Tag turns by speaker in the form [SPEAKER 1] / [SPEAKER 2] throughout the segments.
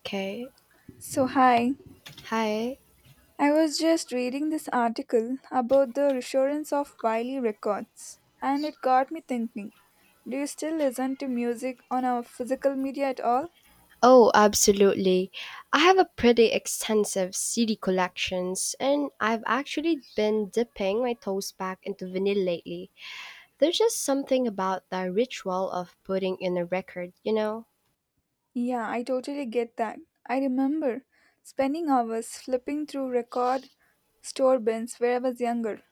[SPEAKER 1] Okay.
[SPEAKER 2] So, hi.
[SPEAKER 1] Hi.
[SPEAKER 2] I was just reading this article about the resurgence of Wiley Records, and it got me thinking. Do you still listen to music on our physical media at all?
[SPEAKER 1] Oh, absolutely. I have a pretty extensive CD collections, and I've actually been dipping my toes back into vinyl lately. There's just something about the ritual of putting in a record,
[SPEAKER 2] Yeah, I totally get that. I remember spending hours flipping through record store bins where I was younger.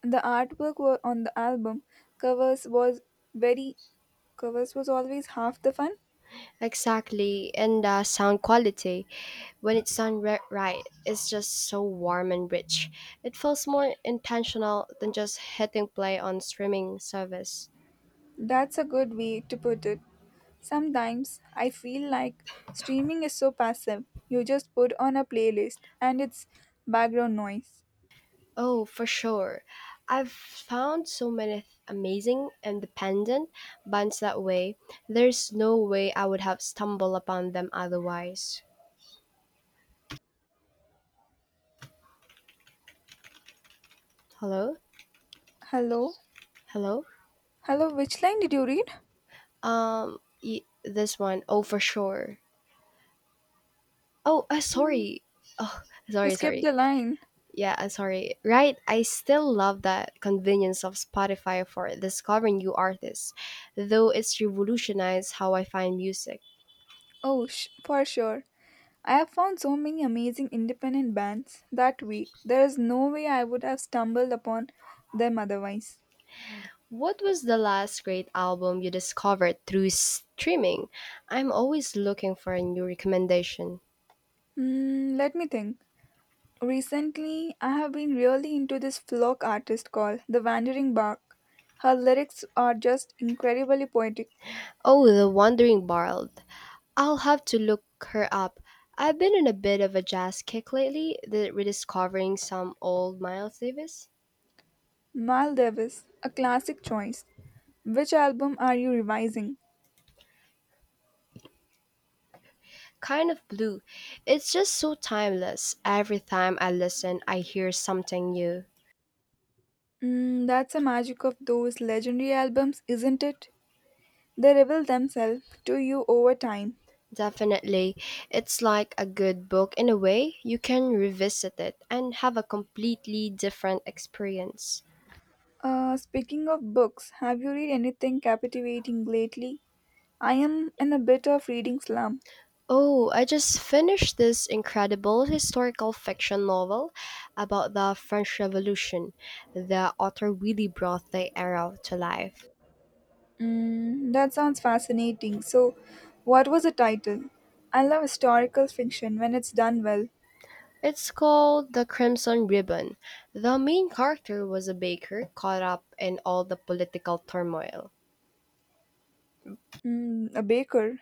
[SPEAKER 2] The artwork on the album covers was very covers was always half the fun.
[SPEAKER 1] Exactly, and the sound quality, when it's right, is just so warm and rich. It feels more intentional than just hitting play on streaming service.
[SPEAKER 2] That's a good way to put it. Sometimes I feel like streaming is so passive. You just put on a playlist and it's background noise.
[SPEAKER 1] Oh, for sure. I've found so many amazing independent bands that way. There's no way I would have stumbled upon them otherwise. Hello?
[SPEAKER 2] Hello?
[SPEAKER 1] Hello?
[SPEAKER 2] Hello, which line did you read?
[SPEAKER 1] This one. Oh, for sure. Oh, sorry.
[SPEAKER 2] You
[SPEAKER 1] Sorry,
[SPEAKER 2] skipped
[SPEAKER 1] sorry.
[SPEAKER 2] the line.
[SPEAKER 1] Yeah, sorry. Right, I still love that convenience of Spotify for discovering new artists, though it's revolutionized how I find music.
[SPEAKER 2] Oh, for sure. I have found so many amazing independent bands that way. There is no way I would have stumbled upon them otherwise.
[SPEAKER 1] What was the last great album you discovered through streaming? I'm always looking for a new recommendation.
[SPEAKER 2] Let me think. Recently, I have been really into this folk artist called The Wandering Bark. Her lyrics are just incredibly poetic.
[SPEAKER 1] Oh, The Wandering Bard. I'll have to look her up. I've been in a bit of a jazz kick lately, the rediscovering some old Miles Davis.
[SPEAKER 2] Mal Davis, a classic choice. Which album are you revising?
[SPEAKER 1] Kind of blue. It's just so timeless. Every time I listen, I hear something new.
[SPEAKER 2] That's the magic of those legendary albums, isn't it? They reveal themselves to you over time.
[SPEAKER 1] Definitely. It's like a good book in a way. You can revisit it and have a completely different experience.
[SPEAKER 2] Speaking of books, have you read anything captivating lately? I am in a bit of reading slump.
[SPEAKER 1] Oh, I just finished this incredible historical fiction novel about the French Revolution. The author really brought the era to life.
[SPEAKER 2] That sounds fascinating. So, what was the title? I love historical fiction when it's done well.
[SPEAKER 1] It's called The Crimson Ribbon. The main character was a baker caught up in all the political turmoil.
[SPEAKER 2] A baker.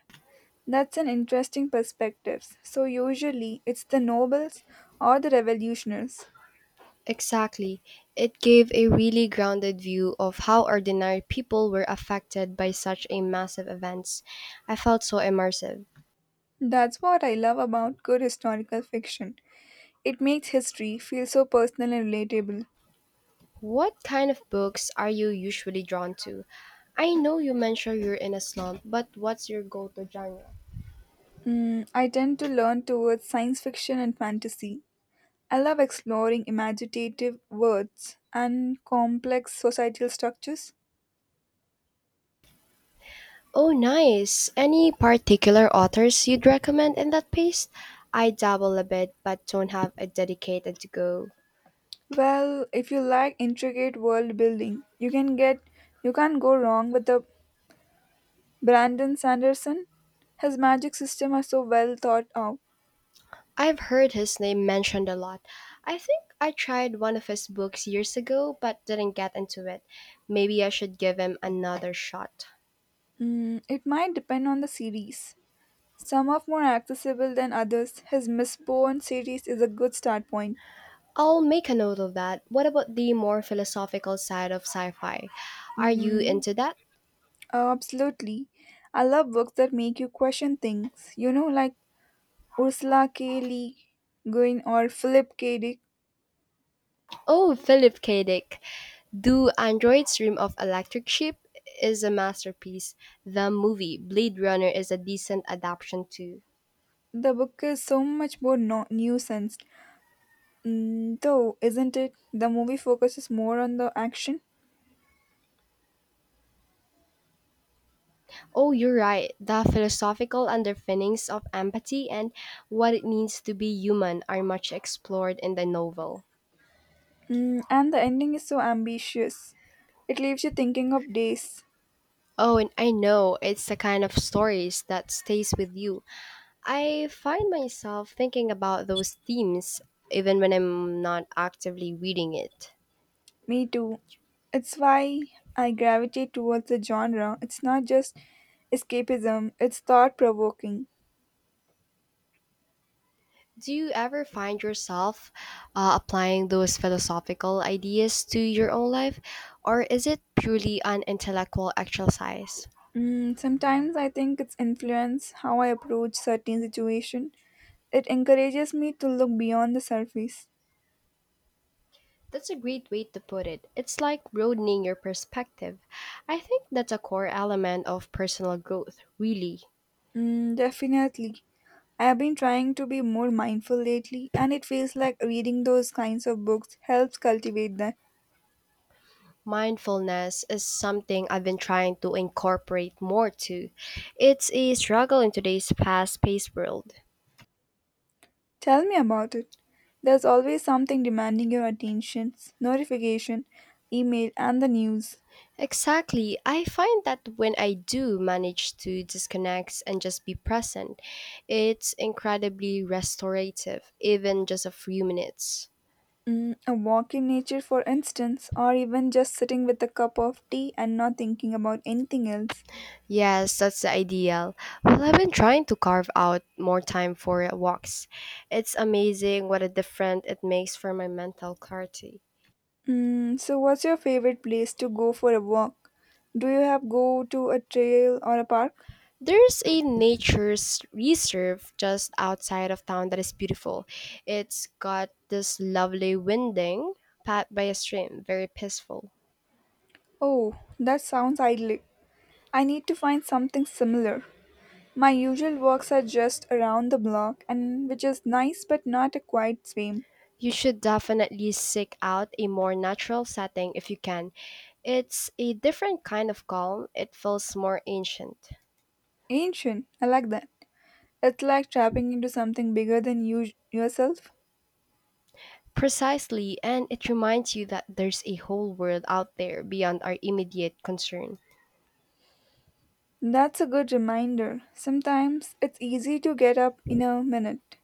[SPEAKER 2] That's an interesting perspective. So usually it's the nobles or the revolutionaries.
[SPEAKER 1] Exactly. It gave a really grounded view of how ordinary people were affected by such a massive events. I felt so immersive.
[SPEAKER 2] That's what I love about good historical fiction. It makes history feel so personal and relatable.
[SPEAKER 1] What kind of books are you usually drawn to? I know you mentioned you're in a slump, but what's your go-to genre?
[SPEAKER 2] I tend to learn towards science fiction and fantasy. I love exploring imaginative worlds and complex societal structures.
[SPEAKER 1] Oh, nice. Any particular authors you'd recommend in that pace? I dabble a bit, but don't have a dedicated to go.
[SPEAKER 2] Well, if you like intricate world building, you can't go wrong with a Brandon Sanderson? His magic system are so well thought out.
[SPEAKER 1] I've heard his name mentioned a lot. I think I tried one of his books years ago but didn't get into it. Maybe I should give him another shot.
[SPEAKER 2] It might depend on the series. Some are more accessible than others. His Mistborn series is a good start point.
[SPEAKER 1] I'll make a note of that. What about the more philosophical side of sci fi? Are you
[SPEAKER 2] Mm,
[SPEAKER 1] into that?
[SPEAKER 2] absolutely. I love books that make you question things. You know, like Ursula K. Le Guin or Philip K. Dick.
[SPEAKER 1] Oh, Philip K. Dick. Do Androids Dream of Electric Sheep is a masterpiece. The movie Blade Runner is a decent adaptation too.
[SPEAKER 2] The book is so much more nuanced. Mm, though, isn't it? The movie focuses more on the action.
[SPEAKER 1] Oh, you're right. The philosophical underpinnings of empathy and what it means to be human are much explored in the novel.
[SPEAKER 2] Mm, and the ending is so ambitious. It leaves you thinking of days.
[SPEAKER 1] Oh, and I know it's the kind of stories that stays with you. I find myself thinking about those themes even when I'm not actively reading it.
[SPEAKER 2] Me too. It's why I gravitate towards the genre. It's not just escapism, it's thought provoking.
[SPEAKER 1] Do you ever find yourself applying those philosophical ideas to your own life, or is it purely an intellectual exercise?
[SPEAKER 2] Sometimes I think it's influence how I approach certain situation. It encourages me to look beyond the surface.
[SPEAKER 1] That's a great way to put it. It's like broadening your perspective. I think that's a core element of personal growth, really.
[SPEAKER 2] Mm, definitely. I have been trying to be more mindful lately, and it feels like reading those kinds of books helps cultivate that.
[SPEAKER 1] Mindfulness is something I've been trying to incorporate more too. It's a struggle in today's fast paced world.
[SPEAKER 2] Tell me about it. There's always something demanding your attention, notification, email, and the news.
[SPEAKER 1] Exactly. I find that when I do manage to disconnect and just be present, it's incredibly restorative, even just a few minutes.
[SPEAKER 2] Mm, a walk in nature, for instance, or even just sitting with a cup of tea and not thinking about anything else.
[SPEAKER 1] Yes, that's the ideal. Well, I've been trying to carve out more time for walks. It's amazing what a difference it makes for my mental clarity.
[SPEAKER 2] Mm, so, what's your favorite place to go for a walk? Do you have go to a trail or a park?
[SPEAKER 1] There's a nature's reserve just outside of town that is beautiful. It's got this lovely winding path by a stream, very peaceful.
[SPEAKER 2] Oh, that sounds idyllic. I need to find something similar. My usual walks are just around the block and which is nice but not a quiet swim.
[SPEAKER 1] You should definitely seek out a more natural setting if you can. It's a different kind of calm. It feels more ancient.
[SPEAKER 2] Ancient, I like that. It's like tapping into something bigger than yourself.
[SPEAKER 1] Precisely, and it reminds you that there's a whole world out there beyond our immediate concern.
[SPEAKER 2] That's a good reminder. Sometimes it's easy to get up in a minute.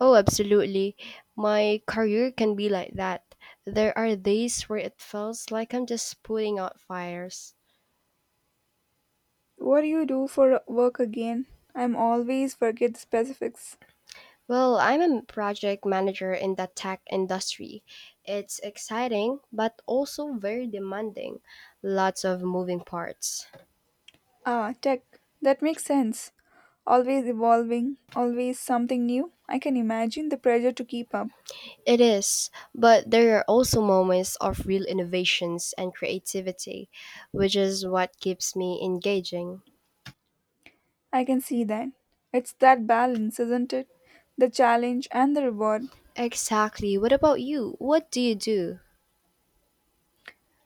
[SPEAKER 1] Oh, absolutely. My career can be like that. There are days where it feels like I'm just putting out fires.
[SPEAKER 2] What do you do for work again? I'm always forget the specifics.
[SPEAKER 1] Well, I'm a project manager in the tech industry. It's exciting, but also very demanding. Lots of moving parts.
[SPEAKER 2] Ah, tech. That makes sense. Always evolving, always something new. I can imagine the pressure to keep up.
[SPEAKER 1] It is, but there are also moments of real innovations and creativity, which is what keeps me engaging.
[SPEAKER 2] I can see that. It's that balance, isn't it? The challenge and the reward.
[SPEAKER 1] Exactly. What about you? What do you do?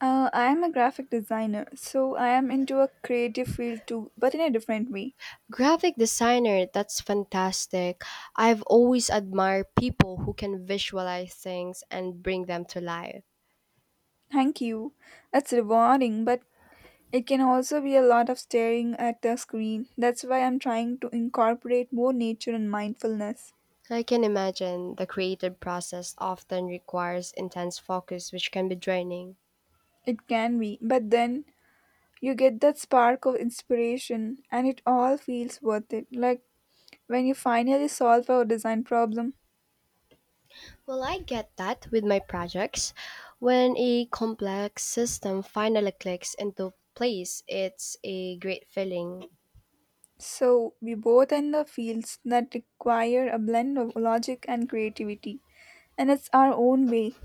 [SPEAKER 2] I am a graphic designer, so I am into a creative field too, but in a different way.
[SPEAKER 1] Graphic designer, that's fantastic. I've always admired people who can visualize things and bring them to life.
[SPEAKER 2] Thank you. It's rewarding, but it can also be a lot of staring at the screen. That's why I'm trying to incorporate more nature and mindfulness.
[SPEAKER 1] I can imagine the creative process often requires intense focus, which can be draining.
[SPEAKER 2] It can be, but then you get that spark of inspiration, and it all feels worth it. Like when you finally solve a design problem.
[SPEAKER 1] Well, I get that with my projects. When a complex system finally clicks into place, it's a great feeling.
[SPEAKER 2] So, we both end up fields that require a blend of logic and creativity, and it's our own way,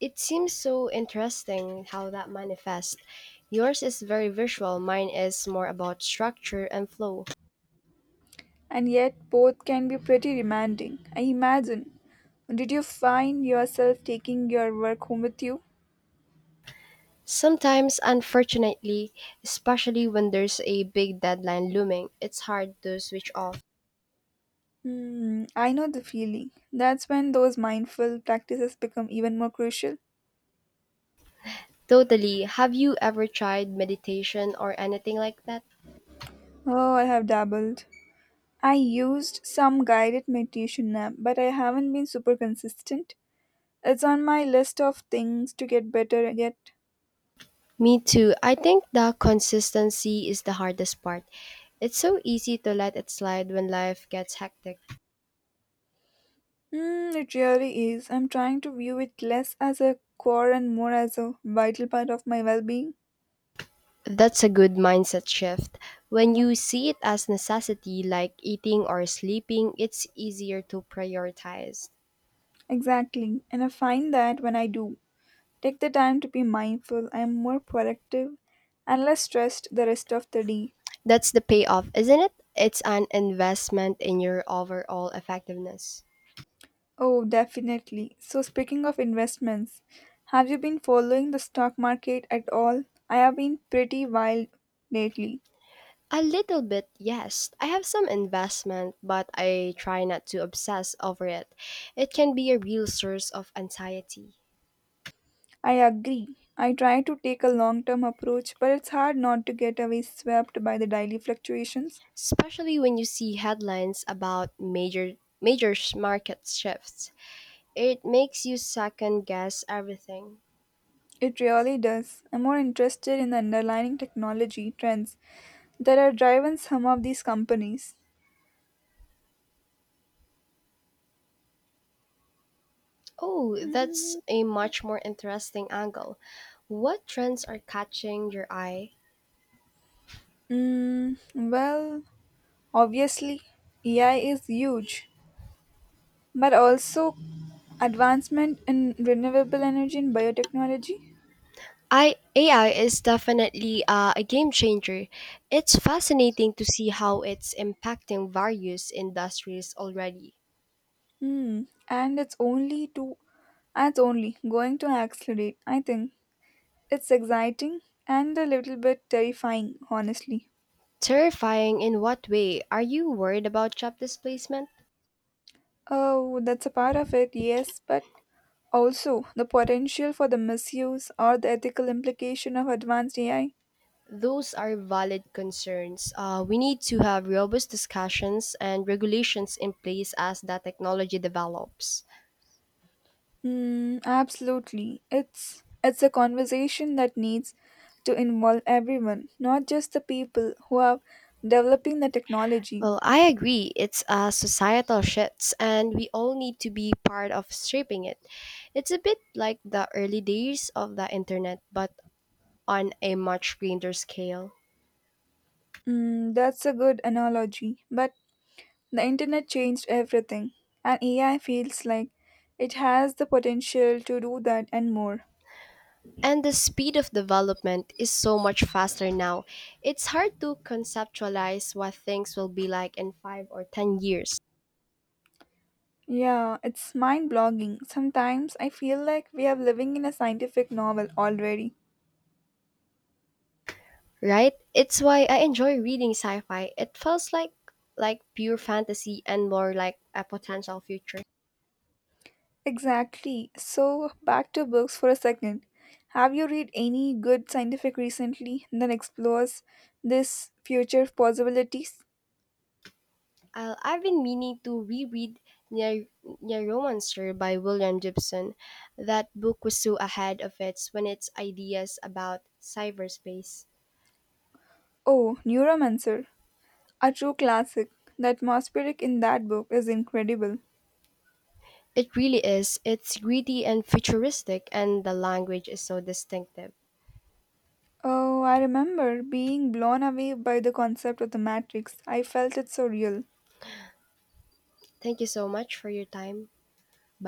[SPEAKER 1] It seems so interesting how that manifests. Yours is very visual, mine is more about structure and flow.
[SPEAKER 2] and yet both can be pretty demanding, I imagine. Did you find yourself taking your work home with you?
[SPEAKER 1] Sometimes, unfortunately, especially when there's a big deadline looming, it's hard to switch off.
[SPEAKER 2] Hmm, I know the feeling. That's when those mindful practices become even more crucial.
[SPEAKER 1] Totally. Have you ever tried meditation or anything like that?
[SPEAKER 2] Oh, I have dabbled. I used some guided meditation app, but I haven't been super consistent. It's on my list of things to get better at.
[SPEAKER 1] Me too. I think the consistency is the hardest part. It's so easy to let it slide when life gets hectic.
[SPEAKER 2] Mm, it really is. I'm trying to view it less as a chore and more as a vital part of my well being.
[SPEAKER 1] That's a good mindset shift. When you see it as necessity like eating or sleeping, it's easier to prioritize.
[SPEAKER 2] Exactly. And I find that when I do take the time to be mindful, I'm more productive and less stressed the rest of the day.
[SPEAKER 1] That's the payoff, isn't it? It's an investment in your overall effectiveness.
[SPEAKER 2] Oh, definitely. So, speaking of investments, have you been following the stock market at all? I have been pretty wild lately.
[SPEAKER 1] A little bit, yes. I have some investment, but I try not to obsess over it. It can be a real source of anxiety.
[SPEAKER 2] I agree. I try to take a long term approach, but it's hard not to get away swept by the daily fluctuations.
[SPEAKER 1] Especially when you see headlines about market shifts. It makes you second guess everything.
[SPEAKER 2] It really does. I'm more interested in the underlying technology trends that are driving some of these companies.
[SPEAKER 1] Oh, that's a much more interesting angle. What trends are catching your eye?
[SPEAKER 2] Mm, well, obviously, AI is huge, but also advancement in renewable energy and biotechnology.
[SPEAKER 1] AI is definitely a game changer. It's fascinating to see how it's impacting various industries already.
[SPEAKER 2] Hmm, and it's only to and it's only going to accelerate. I think it's exciting and a little bit terrifying, honestly.
[SPEAKER 1] Terrifying in what way? Are you worried about job displacement?
[SPEAKER 2] Oh, that's a part of it, yes, but also the potential for the misuse or the ethical implication of advanced AI.
[SPEAKER 1] Those are valid concerns. We need to have robust discussions and regulations in place as the technology develops.
[SPEAKER 2] Mm, absolutely. It's a conversation that needs to involve everyone, not just the people who are developing the technology.
[SPEAKER 1] Well, I agree. It's a societal shift, and we all need to be part of shaping it. It's a bit like the early days of the internet, but on a much grander scale.
[SPEAKER 2] Mm, that's a good analogy, but the internet changed everything, and AI feels like it has the potential to do that and more.
[SPEAKER 1] And the speed of development is so much faster now. It's hard to conceptualize what things will be like in 5 or 10 years.
[SPEAKER 2] Yeah, it's mind blogging. Sometimes I feel like we are living in a scientific novel already.
[SPEAKER 1] Right? It's why I enjoy reading sci-fi. It feels like pure fantasy and more like a potential future.
[SPEAKER 2] Exactly. So, back to books for a second. Have you read any good scientific recently that explores this future possibilities?
[SPEAKER 1] I've been meaning to reread Ner- Neuromancer by William Gibson. That book was so ahead of its when its ideas about cyberspace.
[SPEAKER 2] Oh, Neuromancer, a true classic. That atmospheric in that book is incredible.
[SPEAKER 1] It really is. It's gritty and futuristic and the language is so distinctive.
[SPEAKER 2] Oh, I remember being blown away by the concept of the matrix. I felt it so real.
[SPEAKER 1] Thank you so much for your time. Bye.